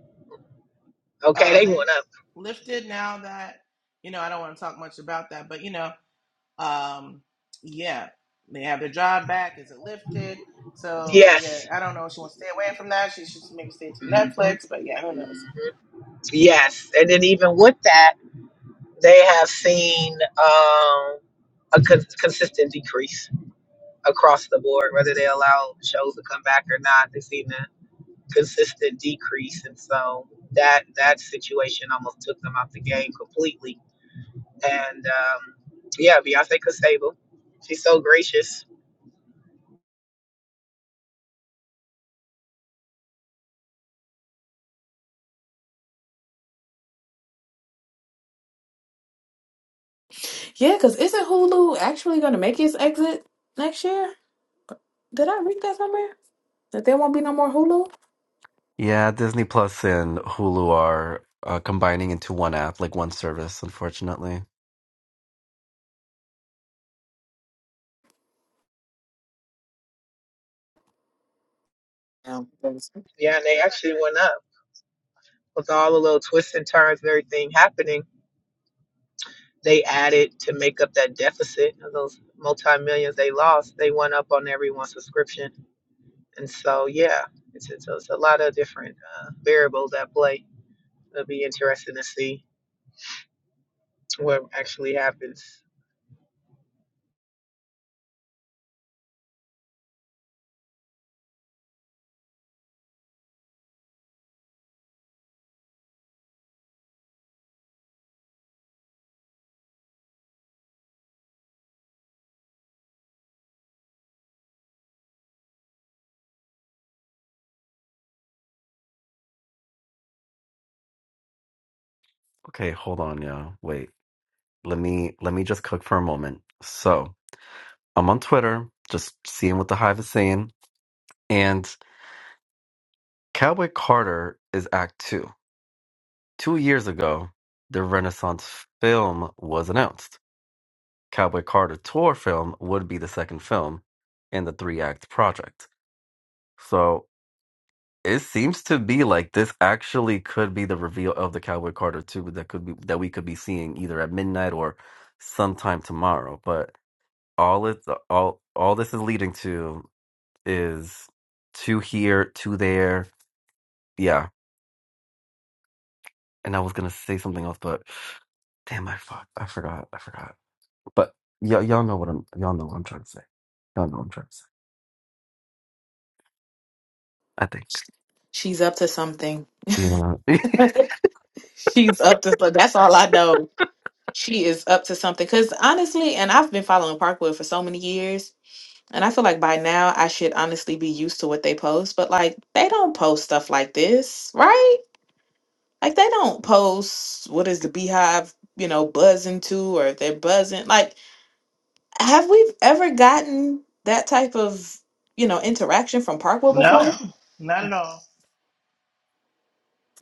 A: Okay, they
B: Um,
A: went up.
B: lifted now that, you know, I don't want to talk much about that, but you know, Um, yeah, they have their job back. Is it lifted? So yeah,
A: Yes.
B: I don't know. She wants to stay away from that. She should maybe stay to
A: hmm
B: Netflix. But yeah, who
A: hmm
B: knows?
A: Yes, and then even with that, they have seen um, a con- consistent decrease across the board, whether they allow shows to come back or not. They've seen consistent decrease, and so that that situation almost took them out the game completely. And um, yeah, Beyonce Costable, she's so gracious.
E: Yeah, because isn't Hulu actually going to make its exit next year? Did I read that somewhere? That there won't be no more Hulu?
D: yeah. Disney Plus and Hulu are uh, combining into one app, like one service, unfortunately.
E: No.
A: Yeah, and they actually went up with all the little twists and turns and everything happening. They added to make up that deficit of those multi millions they lost. They went up on everyone's subscription, and so yeah, it's it's, it's a lot of different uh, variables at play. It'll be interesting to see what actually happens.
D: Okay, hold on, yeah, wait. let me let me just cook for a moment. So I'm on Twitter, just seeing what the hive is saying. And Cowboy Carter is Act Two. Two years ago, the Renaissance film was announced. Cowboy Carter tour film would be the second film in the three act project. So it seems to be like this actually could be the reveal of the Cowboy Carter two that could be that we could be seeing either at midnight or sometime tomorrow. But all it all all this is leading to is two here, two there. Yeah. And I was gonna say something else, but damn, I fuck, I forgot, I forgot. But y'all, y'all know what I'm, y'all know what I'm trying to say. Y'all know what I'm trying to say. I think.
E: She's up to something.
D: Yeah.
E: She's up to something. That's all I know. She is up to something. Because honestly, and I've been following Parkwood for so many years. And I feel like by now I should honestly be used to what they post, but like they don't post stuff like this, right? Like they don't post what is the beehive, you know, buzzing to or if they're buzzing. Like, have we ever gotten that type of, you know, interaction from Parkwell before? No.
B: No, not at all.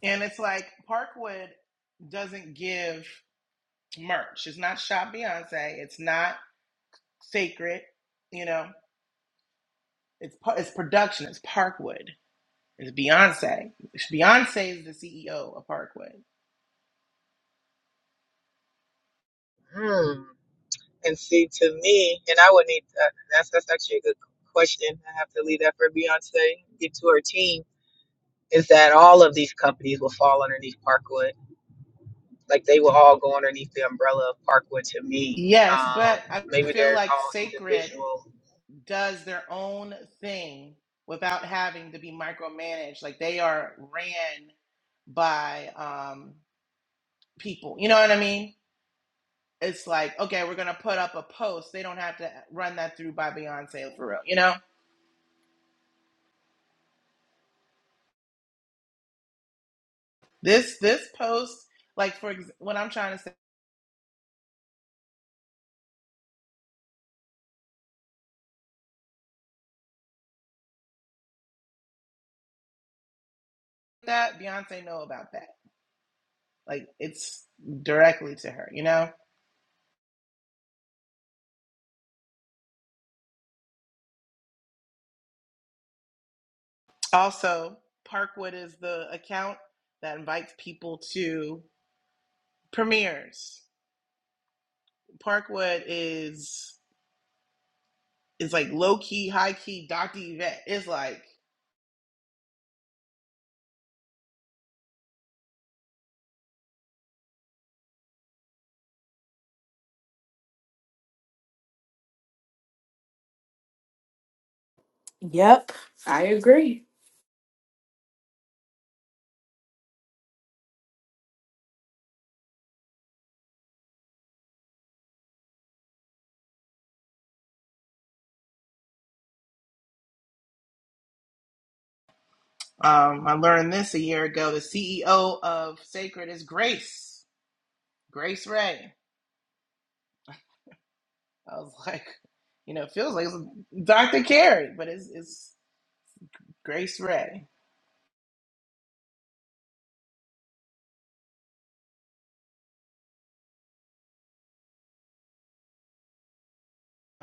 B: And it's like Parkwood doesn't give merch. It's not Shop Beyonce. It's not Sacred. You know, it's par- it's production. It's Parkwood. It's Beyonce. Beyonce is the CEO of Parkwood.
A: Hmm. And see, to me, and I would need uh, that's that's actually a good question. I have to leave that for Beyonce get to her team. Is that all of these companies will fall underneath Parkwood? Like they will all go underneath the umbrella of Parkwood. To me,
B: Yes,
A: um,
B: but I
A: maybe
B: feel
A: they're
B: like
A: all
B: Sacred.
A: individual.
B: does their own thing without having to be micromanaged. Like they are ran by um, people. You know what I mean? It's like, okay, we're gonna put up a post. They don't have to run that through by Beyonce for real. You know, this this post, like for ex- when I'm trying to say that Beyonce know about that. Like it's directly to her. You know. Also, Parkwood is the account that invites people to premieres. Parkwood is It's like low key, high key, Dr. Yvette. It's like,
E: Yep, I agree.
B: um, I learned this a year ago. The CEO of Sacred is Grace, Grace Ray. I was like, you know, it feels like it's Dr. Carey, but it's, it's Grace Ray.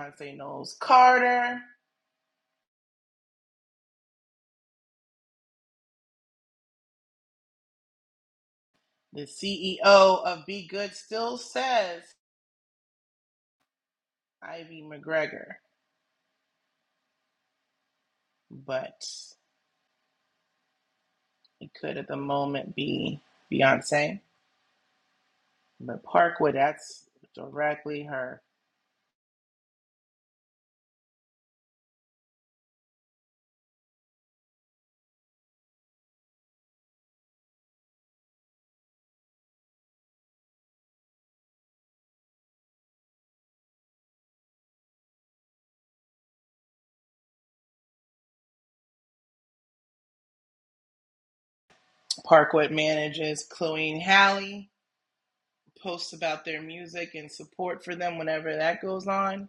B: Beyonce Knowles Carter, the CEO of Be Good, still says Ivy McGregor, but it could at the moment be Beyonce. But Parkwood, that's directly her Parkwood manages Chloe and Hallie, posts about their music and support for them whenever that goes on.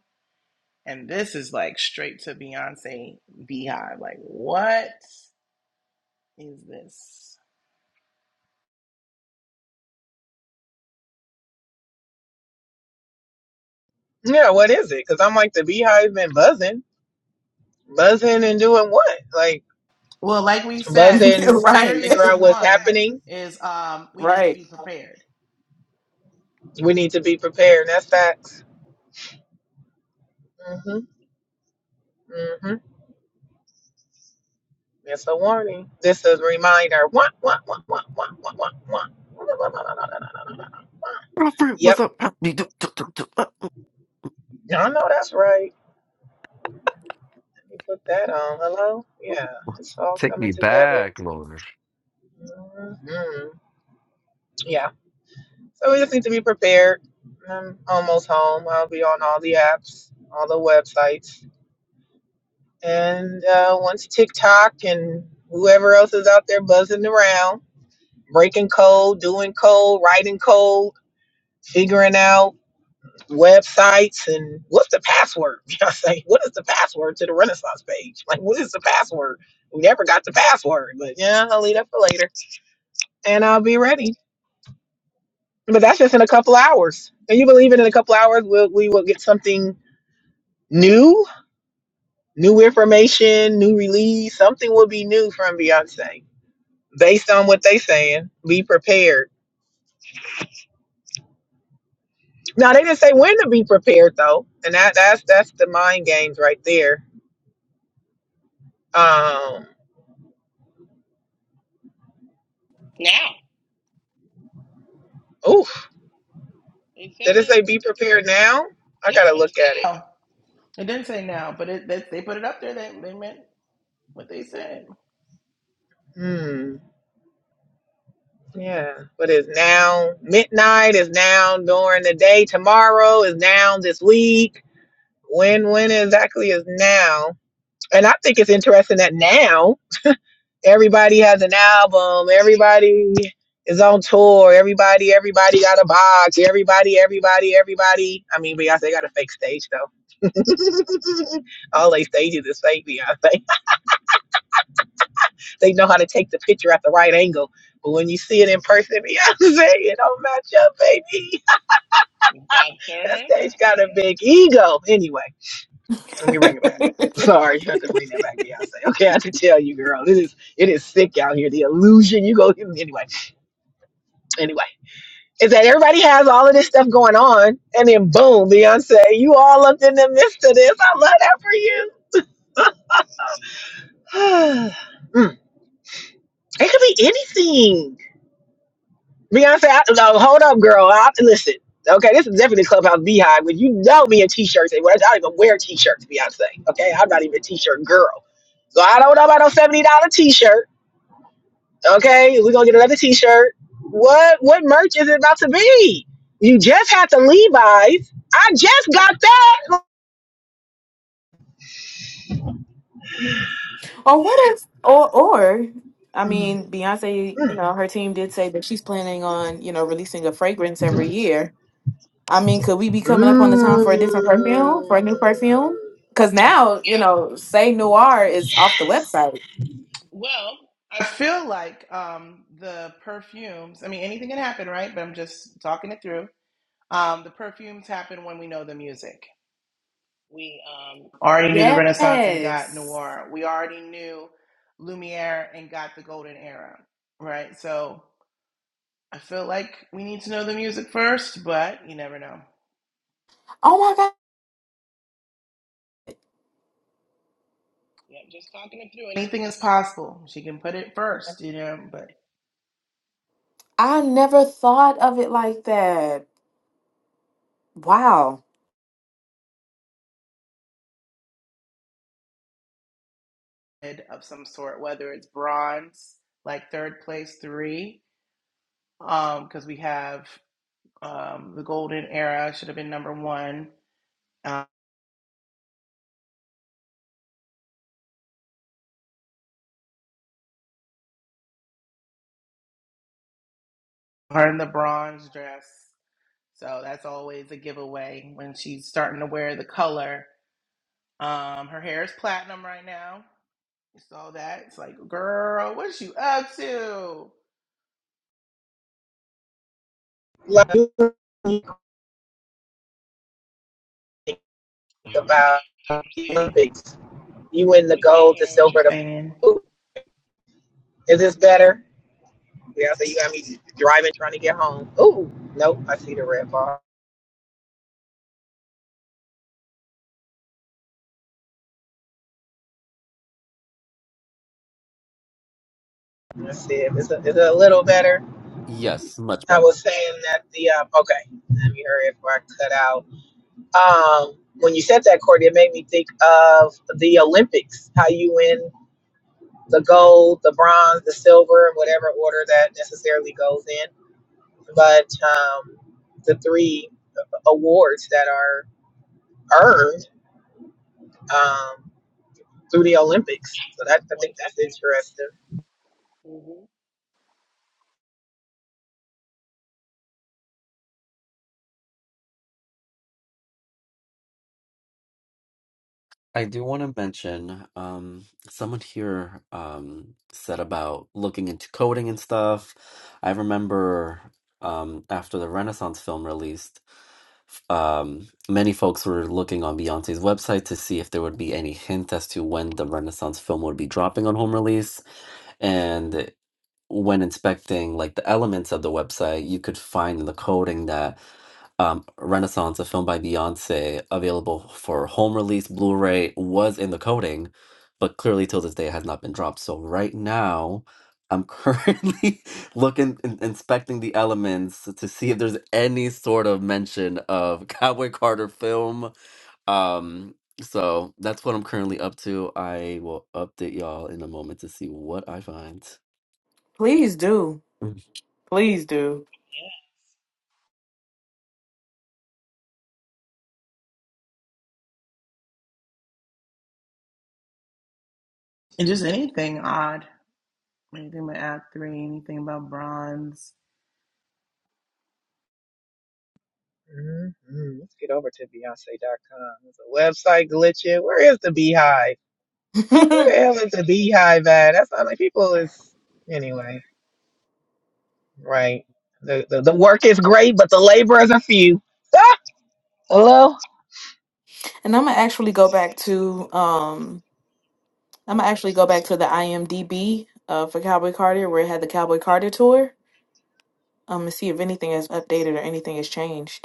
B: And this is like straight to Beyonce Beehive. Like, what is this?
A: Yeah, what is it? Because I'm like the beehive been buzzing, buzzing and doing what? Like
B: Well, like we said, the
A: buzzing to
E: right.
A: figure
B: scariest
A: out what's
B: one
A: happening.
B: is um we need to
E: Right.
B: be prepared.
A: We need to be prepared. That's facts. hmm hmm That's a warning. This is a reminder. Wah, wah, wah, wah, wah, wah, wah, wah.
D: Robert, what's
A: Yep.
D: up? Help me. Do- do- do- do- uh,
A: I know that's right. Let me put that on. Hello? Yeah. It's all
D: Take
A: coming
D: me
A: together.
D: back, Lord.
A: hmm Yeah. So we just need to be prepared. I'm almost home. I'll be on all the apps, all the websites. And uh, once TikTok and whoever else is out there buzzing around, breaking code, doing code, writing code, figuring out websites and what's the password? You know what I'm saying? What is the password to the Renaissance page? Like, what is the password? We never got the password, but yeah, I'll leave that for later and I'll be ready. But that's just in a couple hours. And you believe it in a couple hours, we'll, we will get something new, new information, new release. Something will be new from Beyonce based on what they saying. Be prepared. Now they didn't say when to be prepared though, and that that's that's the mind games right there. Um,
B: Now.
A: oof.
B: They said
A: Did it
B: it.
A: say be prepared now? I gotta
B: No, it's
A: look at it.
B: now. it didn't say now, but it, they, they put it up there. They, they meant what they said.
A: Hmm. Yeah. But it's now midnight, is now during the day, tomorrow is now this week. When when exactly is now? And I think it's interesting that now everybody has an album, everybody is on tour, everybody, everybody got a box, everybody, everybody, everybody. I mean Beyonce got a fake stage though. All they stages is fake Beyonce. They know how to take the picture at the right angle. But when you see it in person, Beyonce, it don't match up, baby. That
B: Doctor.
A: stage got a big ego. Anyway, let me bring it back. Sorry, you had to bring that back, Beyonce. Okay, I have to tell you, girl. This is it is sick out here. The illusion you go anyway. Anyway. Is that everybody has all of this stuff going on, and then boom, Beyonce, you all up in the midst of this. I love that for you. Mm. It could be anything Beyonce, I, no, hold up, girl. I, listen, okay, this is definitely Clubhouse Beehive, When you know me in t-shirts. and I don't even wear t-shirts, Beyonce. Okay, I'm not even a t-shirt girl. So I don't know about no seventy dollar t-shirt. Okay, we're gonna get another t-shirt. What what merch is it about to be? You just had the Levi's. I just got that.
E: Or what if or or I mean, Beyonce, you
A: Mm.
E: know, her team did say that she's planning on, you know, releasing a fragrance every year. I mean, could we be coming up on the time for a different
A: Mm.
E: perfume, for a new perfume? Because now, you know, Say Noir is off the
A: Yes.
E: website.
B: Well, I feel like um, the perfumes. I mean, anything can happen, right? But I'm just talking it through. Um, the perfumes happen when we know the music. We um, already knew the Renaissance and got
E: Yes.
B: noir. We already knew Lumiere and got the Golden Era, right? So I feel like we need to know the music first, but you never know.
E: Oh my God.
B: Yeah, just talking it through. Anything is possible. She can put it first, you know, but
E: I never thought of it like that. Wow.
B: of some sort, whether it's bronze, like third place three um because um, we have um the golden era should have been number one uh, her in the bronze dress so that's always a giveaway when she's starting to wear the color um her hair is platinum right now you saw that it's like girl what you up to you're
A: Like, you think
B: breaking
A: about the
B: Katie.
A: Olympics. You win the
B: we can't
A: gold, the
B: hear what you're
A: silver,
B: saying
A: the. Ooh, is this better? Yeah, so you got me driving, trying to get home. Ooh, nope, I see the red bar. Let's see if it's a, is it a little better.
D: Yes, much
A: I
D: better.
A: was
B: yeah
A: saying that the um, okay. Let me hurry if I cut out. Um, when you said that, Courtney, it made me think of the Olympics. How you win the gold, the bronze, the silver, in whatever order that necessarily goes in. But um, the three awards that are earned. Um, through the Olympics. So that I
B: voice.
A: think that's interesting.
B: Mhm.
D: I do want to mention um, someone here um, said about looking into coding and stuff. I remember um, after the Renaissance film released, f- um, many folks were looking on Beyonce's website to see if there would be any hint as to when the Renaissance film would be dropping on home release. And when inspecting like the elements of the website, you could find in the coding that um, Renaissance, a film by Beyonce, available for home release Blu ray, was in the coding, but clearly till this day it has not been dropped. So, right now, I'm currently looking, in, inspecting the elements to see if there's any sort of mention of Cowboy Carter film. Um, so, that's what I'm currently up to. I will update y'all in a moment to see what I find.
E: Please do. Please do.
B: and just anything odd anything about act three anything about bronze
A: hmm Let's get over to Beyonce.com. There's a website glitching. Where is the Beehive? Where the
E: and
A: hell is the Beehive at? That's not like people is anyway, right? The, the the work is great, but the laborers are few. Ah! Hello.
E: I'm gonna actually go back to um I'm
A: Go
E: gonna
A: to the
E: actually go back to the IMDb uh for Cowboy Carter where it had the Cowboy Carter tour. Um and see if anything has updated or anything has changed.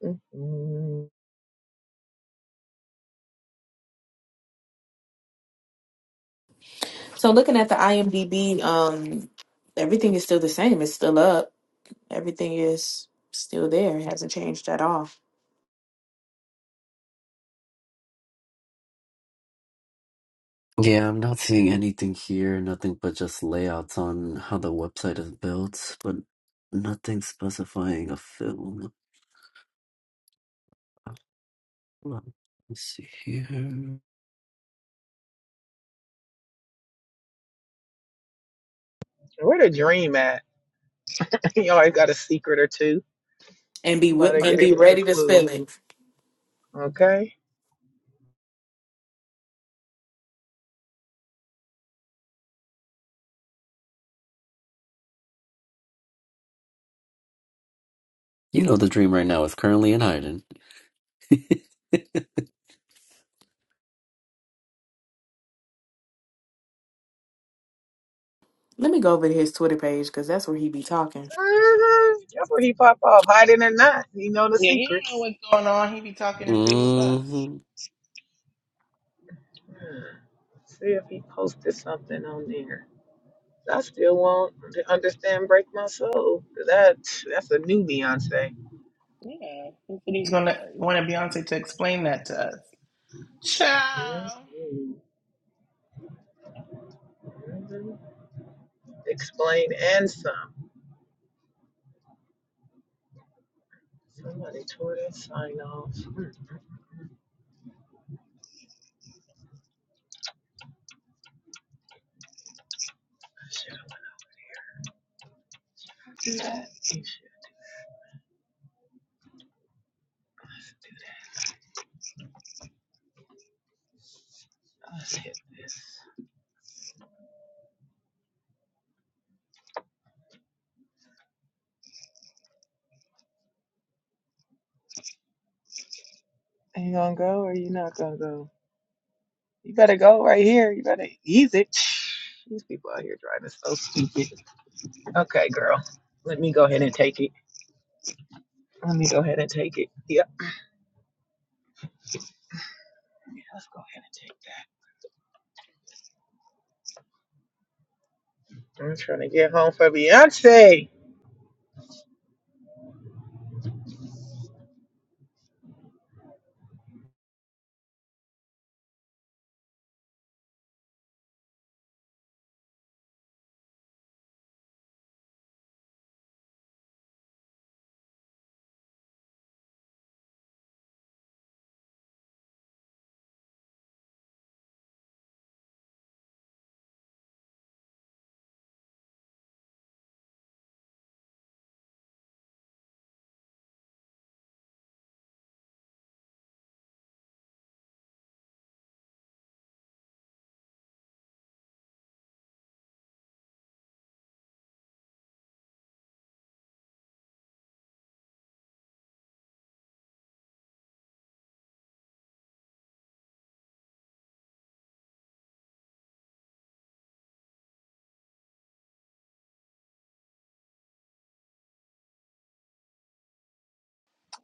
A: store. Mhm.
E: So looking at the IMDb, um, everything is still the same. It's still up. Everything is still there. It hasn't changed at all.
D: Yeah, I'm not seeing anything here, nothing but just layouts on how the website is built, but nothing specifying a film. Let's see here.
A: Where the dream at? you always got a secret or two.
E: And be
A: You might
E: wi-
A: have
E: and
A: gave
E: be
A: us a
E: ready to spill
A: clue.
E: it.
A: Okay.
D: You know the dream right now is currently in hiding.
E: Let me go over to his Twitter page because that's where he be talking.
A: Mm-hmm. That's where he pop off, hiding or not. He know the
B: yeah he don't know
A: secrets.
B: what's going on he be talking it through with us
D: hmm
A: Hmm. See if he posted something on there. I still won't understand break my soul. That that's a new Beyonce.
B: Yeah, he said he's gonna wanted Beyonce to explain that to us. Ciao.
A: Mhm. Mhm. Explain and some. Somebody tore that sign off. Hmm. Shit, I'm gonna do that. You Let's do that. Let's hit this. Are you gonna go or you not gonna go? You better go right here. You better ease it. These people out here driving so stupid. Okay, girl. Let me go ahead and take it. Let me go ahead and take it. Yep. Yeah, let's go ahead and take that. I'm trying to get home for Beyonce.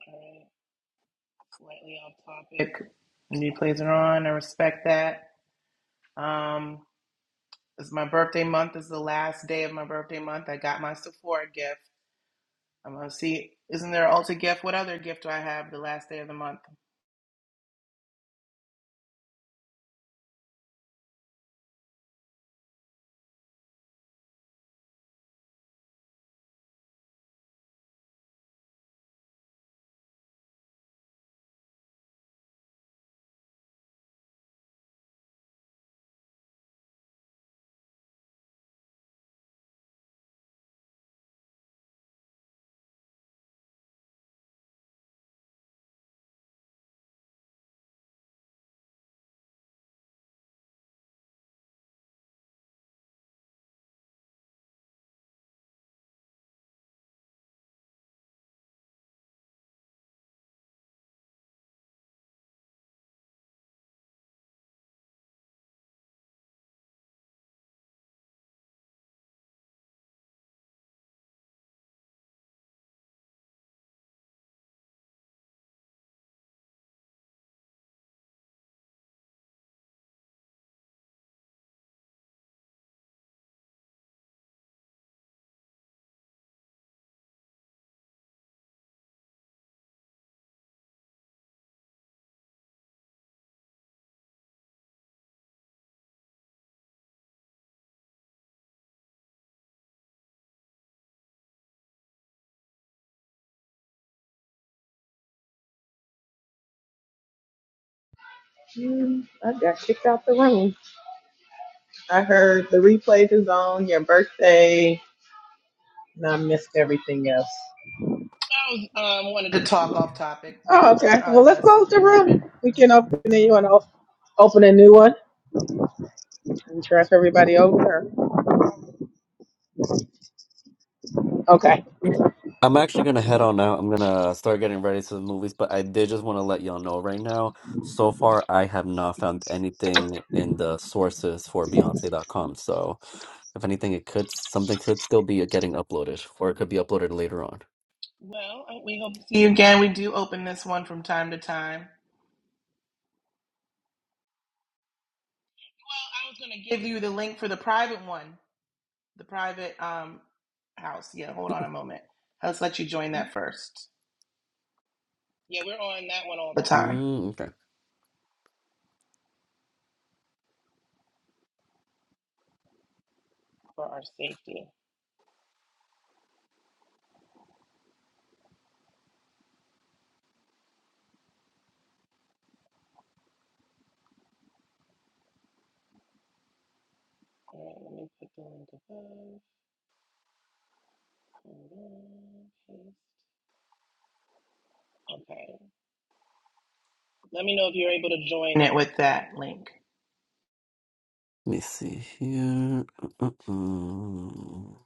B: All right, slightly off topic. New plays are on. I respect that. Um, it's my birthday month. Is the last day of my birthday month. I got my Sephora gift. I'm gonna see. Isn't there an Ulta gift? What other gift do I have the last day of the month?
A: Hmm, I got kicked out the room. I heard the replays is on your birthday, and I missed everything else.
B: Um, wanted to talk off topic, but
A: Oh, okay. Well,
B: probably
A: let's
B: best it
A: close the
B: didn't
A: room.
B: happen.
A: We can open a new one. Open a new one and transfer everybody over. Okay.
D: I'm actually gonna head on out. I'm gonna start getting ready to the movies, but I did just want to let y'all know right now. So far, I have not found anything in the sources for Beyonce dot com. So, if anything, it could something could still be getting uploaded, or it could be uploaded later on.
B: Well, I- we hope to see you again. We do open this one from time to time. Well, I was gonna give you the link for the private one. The private um house. Yeah, hold on a moment. Let's let you join that first. Yeah, we're on that one all the time
D: Mm, okay, let
B: for our safety. All right, let me put the link above. Hold on, Okay. Let me know if you're able to join it with that link.
D: me see here. Mm-mm.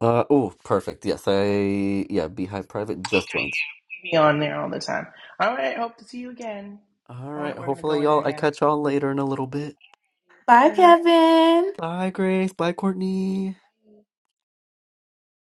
D: Uh oh, perfect. Yes, I yeah, Beehive Private just joined.
B: Be on there all the time. All right. Hope to see you again.
D: All
B: I want.
D: right.
B: We're gonna go
D: Hopefully,
B: in there
D: y'all. I
B: now.
D: catch y'all later in a little bit.
E: Bye,
B: Bye.
E: Kevin.
D: Bye, Grace. Bye, Courtney.